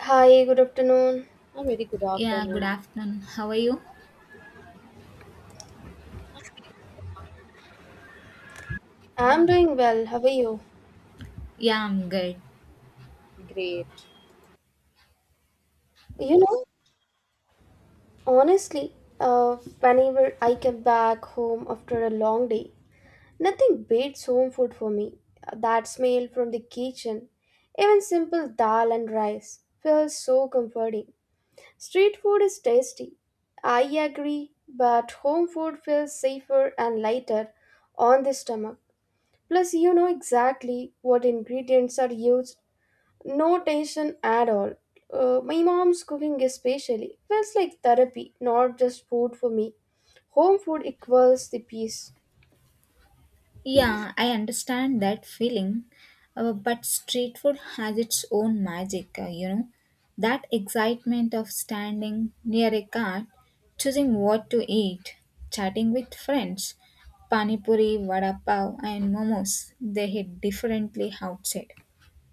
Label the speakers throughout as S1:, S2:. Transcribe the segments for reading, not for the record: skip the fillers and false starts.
S1: Hi, good afternoon.
S2: A very good
S3: Yeah, good
S2: afternoon.
S3: afternoon. How are you?
S1: I'm doing well. How are you?
S3: Yeah, I'm good.
S2: Great.
S1: You know, honestly, Whenever I come back home after a long day, nothing beats home food for me. That smell from the kitchen, even simple dal and rice, feels so comforting. Street food is tasty. I agree, but home food feels safer and lighter on the stomach. Plus, you know exactly what ingredients are used. No tension at all. My mom's cooking, especially, feels like therapy, not just food for me. Home food equals the peace.
S3: Yeah, I understand that feeling. But street food has its own magic, you know. That excitement of standing near a cart, choosing what to eat, chatting with friends, pani puri, vada pav, and momos, they hit differently outside.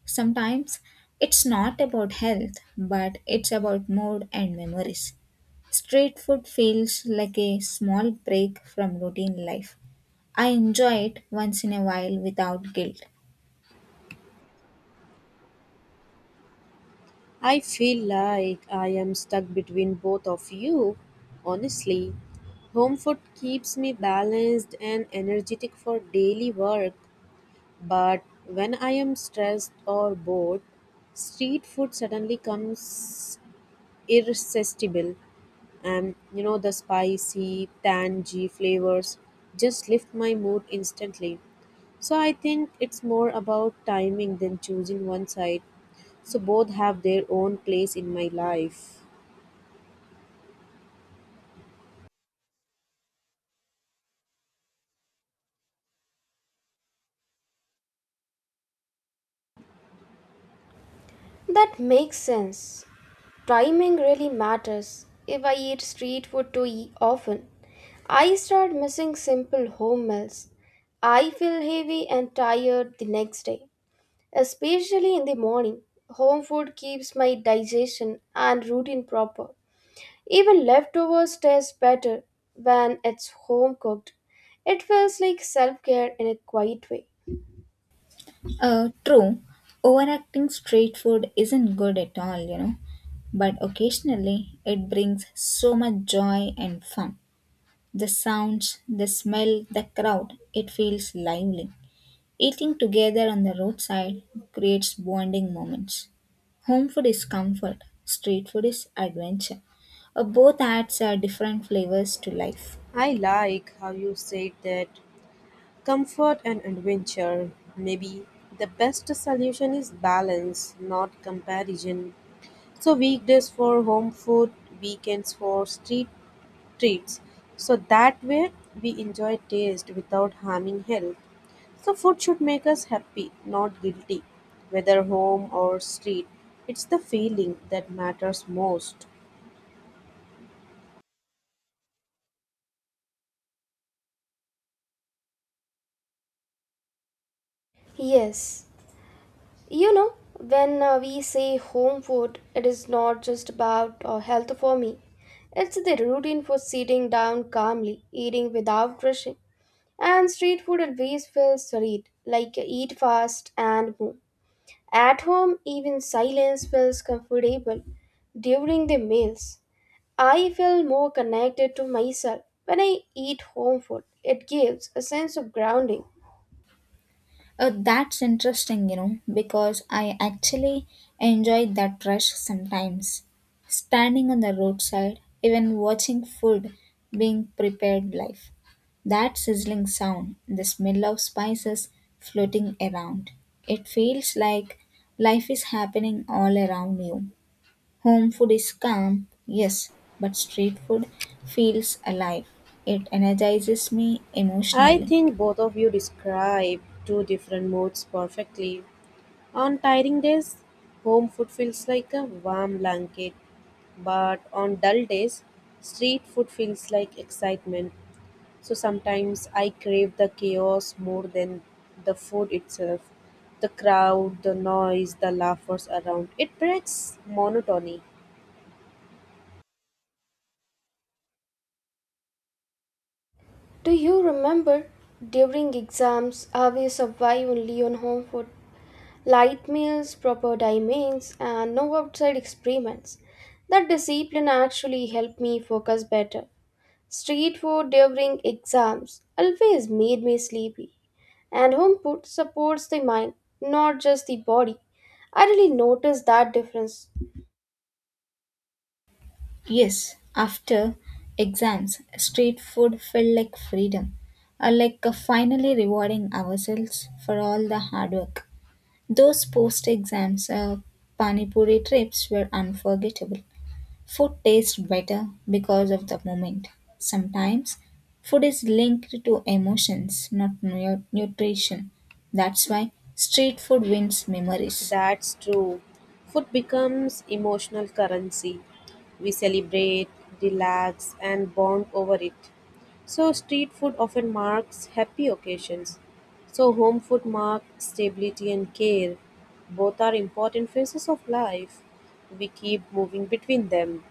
S3: Sometimes it's not about health, but it's about mood and memories. Street food feels like a small break from routine life. I enjoy it once in a while without guilt.
S2: I feel like I am stuck between both of you. Honestly, home food keeps me balanced and energetic for daily work, but when I am stressed or bored, street food suddenly comes irresistible, and you know the spicy, tangy flavors just lift my mood instantly. So I think it's more about timing than choosing one side. So both have their own place in my life.
S1: That makes sense. Timing really matters. If I eat street food too often, I start missing simple home meals. I feel heavy and tired the next day, especially in the morning. Home food keeps my digestion and routine proper. Even leftovers taste better when it's home cooked. It feels like self care in a quiet way.
S3: True, overacting street food isn't good at all, you know, but occasionally it brings so much joy and fun. The sounds, the smell, the crowd, it feels lively. Eating together on the roadside creates bonding moments. Home food is comfort, street food is adventure. Both adds different flavors to life.
S2: I like how you said that — comfort and adventure. Maybe the best solution is balance, not comparison. So weekdays for home food, weekends for street treats. So that way we enjoy taste without harming health. So food should make us happy, not guilty, whether home or street. It's the feeling that matters most.
S1: Yes, you know, when we say home food, it is not just about health for me. It's the routine for sitting down calmly, eating without rushing. And street food always feels sweet, like eat fast and move. At home, even silence feels comfortable during the meals. I feel more connected to myself when I eat home food. It gives a sense of grounding.
S3: That's interesting, you know, because I actually enjoy that rush sometimes. Standing on the roadside, even watching food being prepared live. That sizzling sound, the smell of spices floating around. It feels like life is happening all around you. Home food is calm, yes, but street food feels alive. It energizes me
S2: I
S3: emotionally.
S2: think both of you describe two different moods perfectly. On tiring days, home food feels like a warm blanket, but on dull days, street food feels like excitement. So sometimes I crave the chaos more than the food itself. The crowd, the noise, the laughers around. It breaks monotony.
S1: Do you remember during exams how we survive only on home food? Light meals, proper timings, and no outside experiments. That discipline actually helped me focus better. Street food during exams always made me sleepy. And home food supports the mind, not just the body. I really noticed that difference.
S3: Yes, after exams, street food felt like freedom, or like finally rewarding ourselves for all the hard work. Those post exams Pani Puri trips were unforgettable. Food tastes better because of the moment. Sometimes food is linked to emotions, not nu- nutrition. That's why street food wins memories.
S2: That's true. Food becomes emotional currency. We celebrate, relax, and bond over it. So street food often marks happy occasions. So home food marks stability and care. Both are important phases of life. We keep moving between them.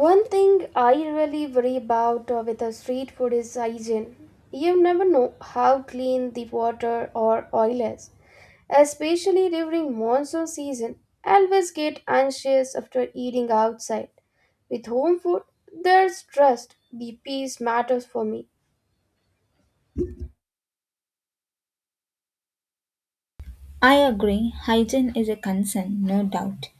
S1: One thing I really worry about with the street food is hygiene. You never know how clean the water or oil is, especially during monsoon season. I always get anxious after eating outside. With home food, there's trust. The peace matters for me.
S3: I agree, hygiene is a concern, no doubt.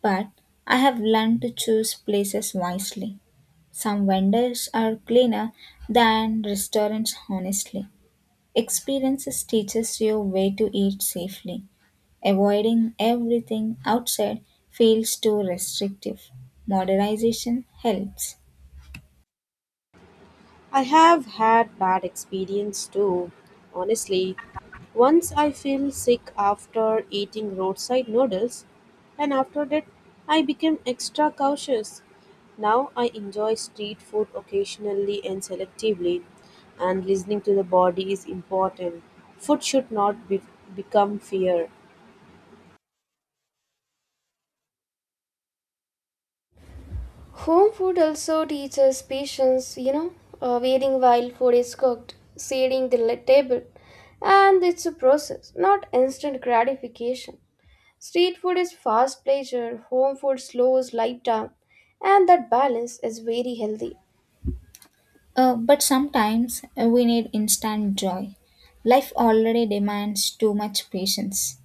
S3: But I have learned to choose places wisely. Some vendors are cleaner than restaurants, honestly. Experiences teaches you where to eat safely. Avoiding everything outside feels too restrictive. Modernization helps.
S2: I have had bad experience too, honestly. Once I feel sick after eating roadside noodles, and after that I became extra cautious. Now I enjoy street food occasionally and selectively, and listening to the body is important. Food should not be- become fear.
S1: Home food also teaches patience, waiting while food is cooked, setting the table, and it's a process, not instant gratification. Street food is fast pleasure, home food slows life down, and that balance is very healthy.
S3: But sometimes we need instant joy. Life already demands too much patience.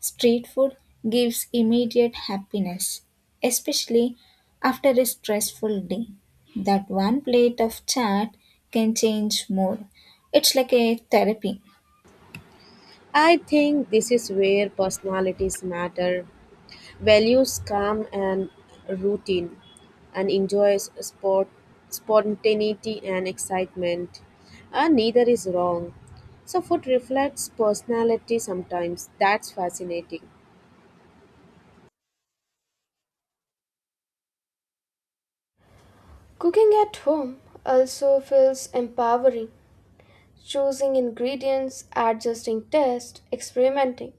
S3: Street food gives immediate happiness, especially after a stressful day. That one plate of chat can change more. It's like a therapy.
S2: I think this is where personalities matter — values calm and routine, and enjoys sport, spontaneity and excitement. And neither is wrong. So food reflects personality sometimes. That's fascinating.
S1: Cooking at home also feels empowering, choosing ingredients, adjusting taste, experimenting.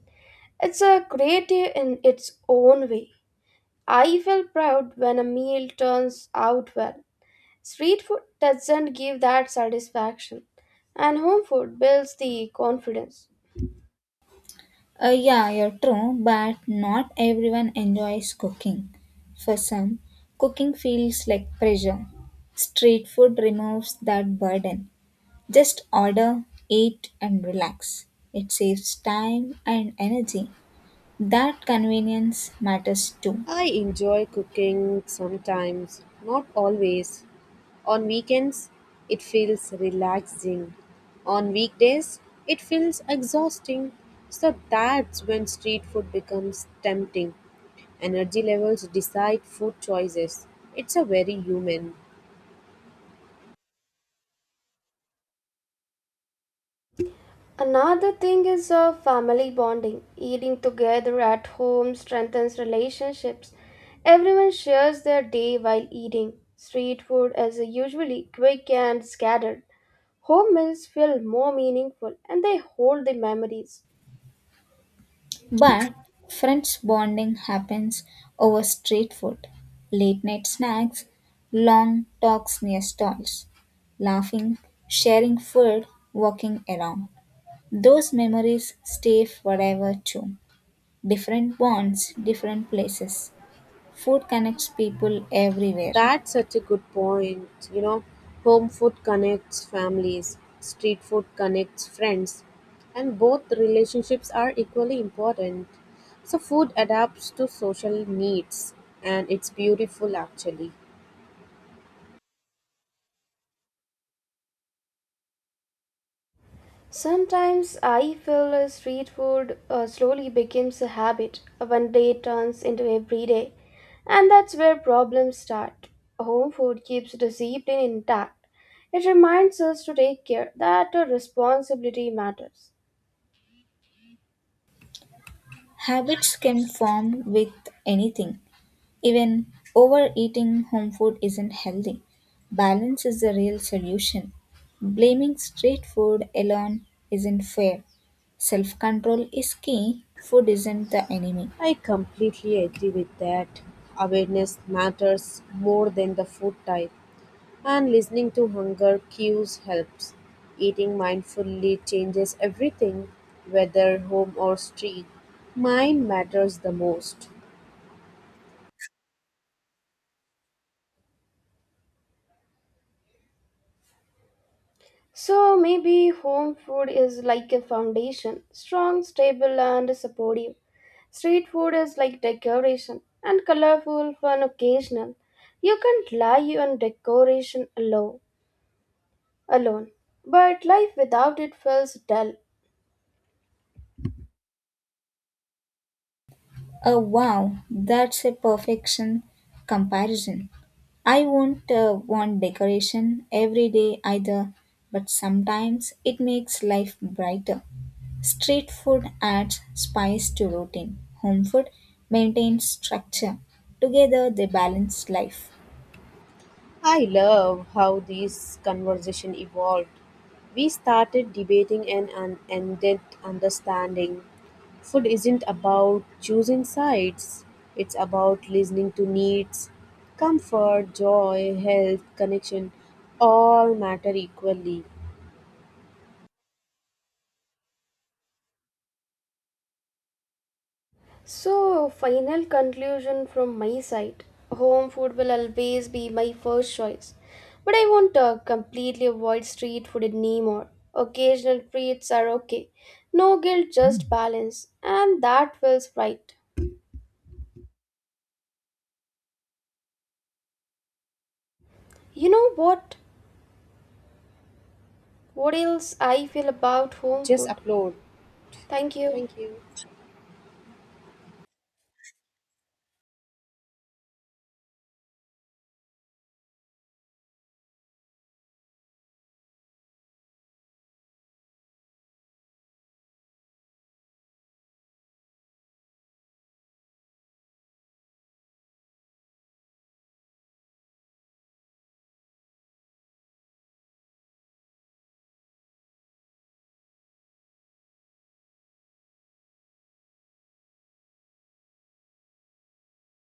S1: It's a creative in its own way. I feel proud when a meal turns out well. Street food doesn't give that satisfaction, and home food builds the confidence.
S3: Yeah, you're true, but not everyone enjoys cooking. For some, cooking feels like pressure. Street food removes that burden. Just order, eat, and relax. It saves time and energy. That convenience matters too.
S2: I enjoy cooking sometimes, not always. On weekends, it feels relaxing. On weekdays, it feels exhausting. So that's when street food becomes tempting. Energy levels decide food choices. It's a very human.
S1: Another thing is family bonding. Eating together at home strengthens relationships. Everyone shares their day while eating. Street food is usually quick and scattered. Home meals feel more meaningful and they hold the memories.
S3: But friends bonding happens over street food, late night snacks, long talks near stalls, laughing, sharing food, walking around. Those memories stay forever too. Different bonds, different places. Food connects people everywhere.
S2: That's such a good point. You know, home food connects families, street food connects friends, and both relationships are equally important. So food adapts to social needs, and it's beautiful actually.
S1: Sometimes I feel street food slowly becomes a habit. One day turns into every day. And that's where problems start. Home food keeps the discipline intact. It reminds us to take care that our responsibility matters.
S3: Habits can form with anything. Even overeating home food isn't healthy. Balance is the real solution. Blaming street food alone isn't fair. Self control is key. Food isn't the enemy.
S2: I completely agree with that. Awareness matters more than the food type. And listening to hunger cues helps. Eating mindfully changes everything, whether home or street. Mind matters the most.
S1: So maybe home food is like a foundation, strong, stable, and supportive. Street food is like decoration, and colorful, fun, occasional. You can't rely on decoration alone. But life without it feels dull.
S3: Oh, wow, that's a perfection comparison. I won't want decoration every day either, but sometimes it makes life brighter. Street food adds spice to routine, home food maintains structure. Together, they balance life.
S2: I love how this conversation evolved. We started debating and ended understanding. Food isn't about choosing sides, it's about listening to needs. Comfort, joy, health, connection — all matter equally.
S1: So, final conclusion from my side, home food will always be my first choice. But I won't completely avoid street food anymore. Occasional treats are okay. No guilt, just balance. And that feels right. You know what? What else I feel about home
S2: Just
S1: food?
S2: upload.
S1: Thank you.
S2: Thank you.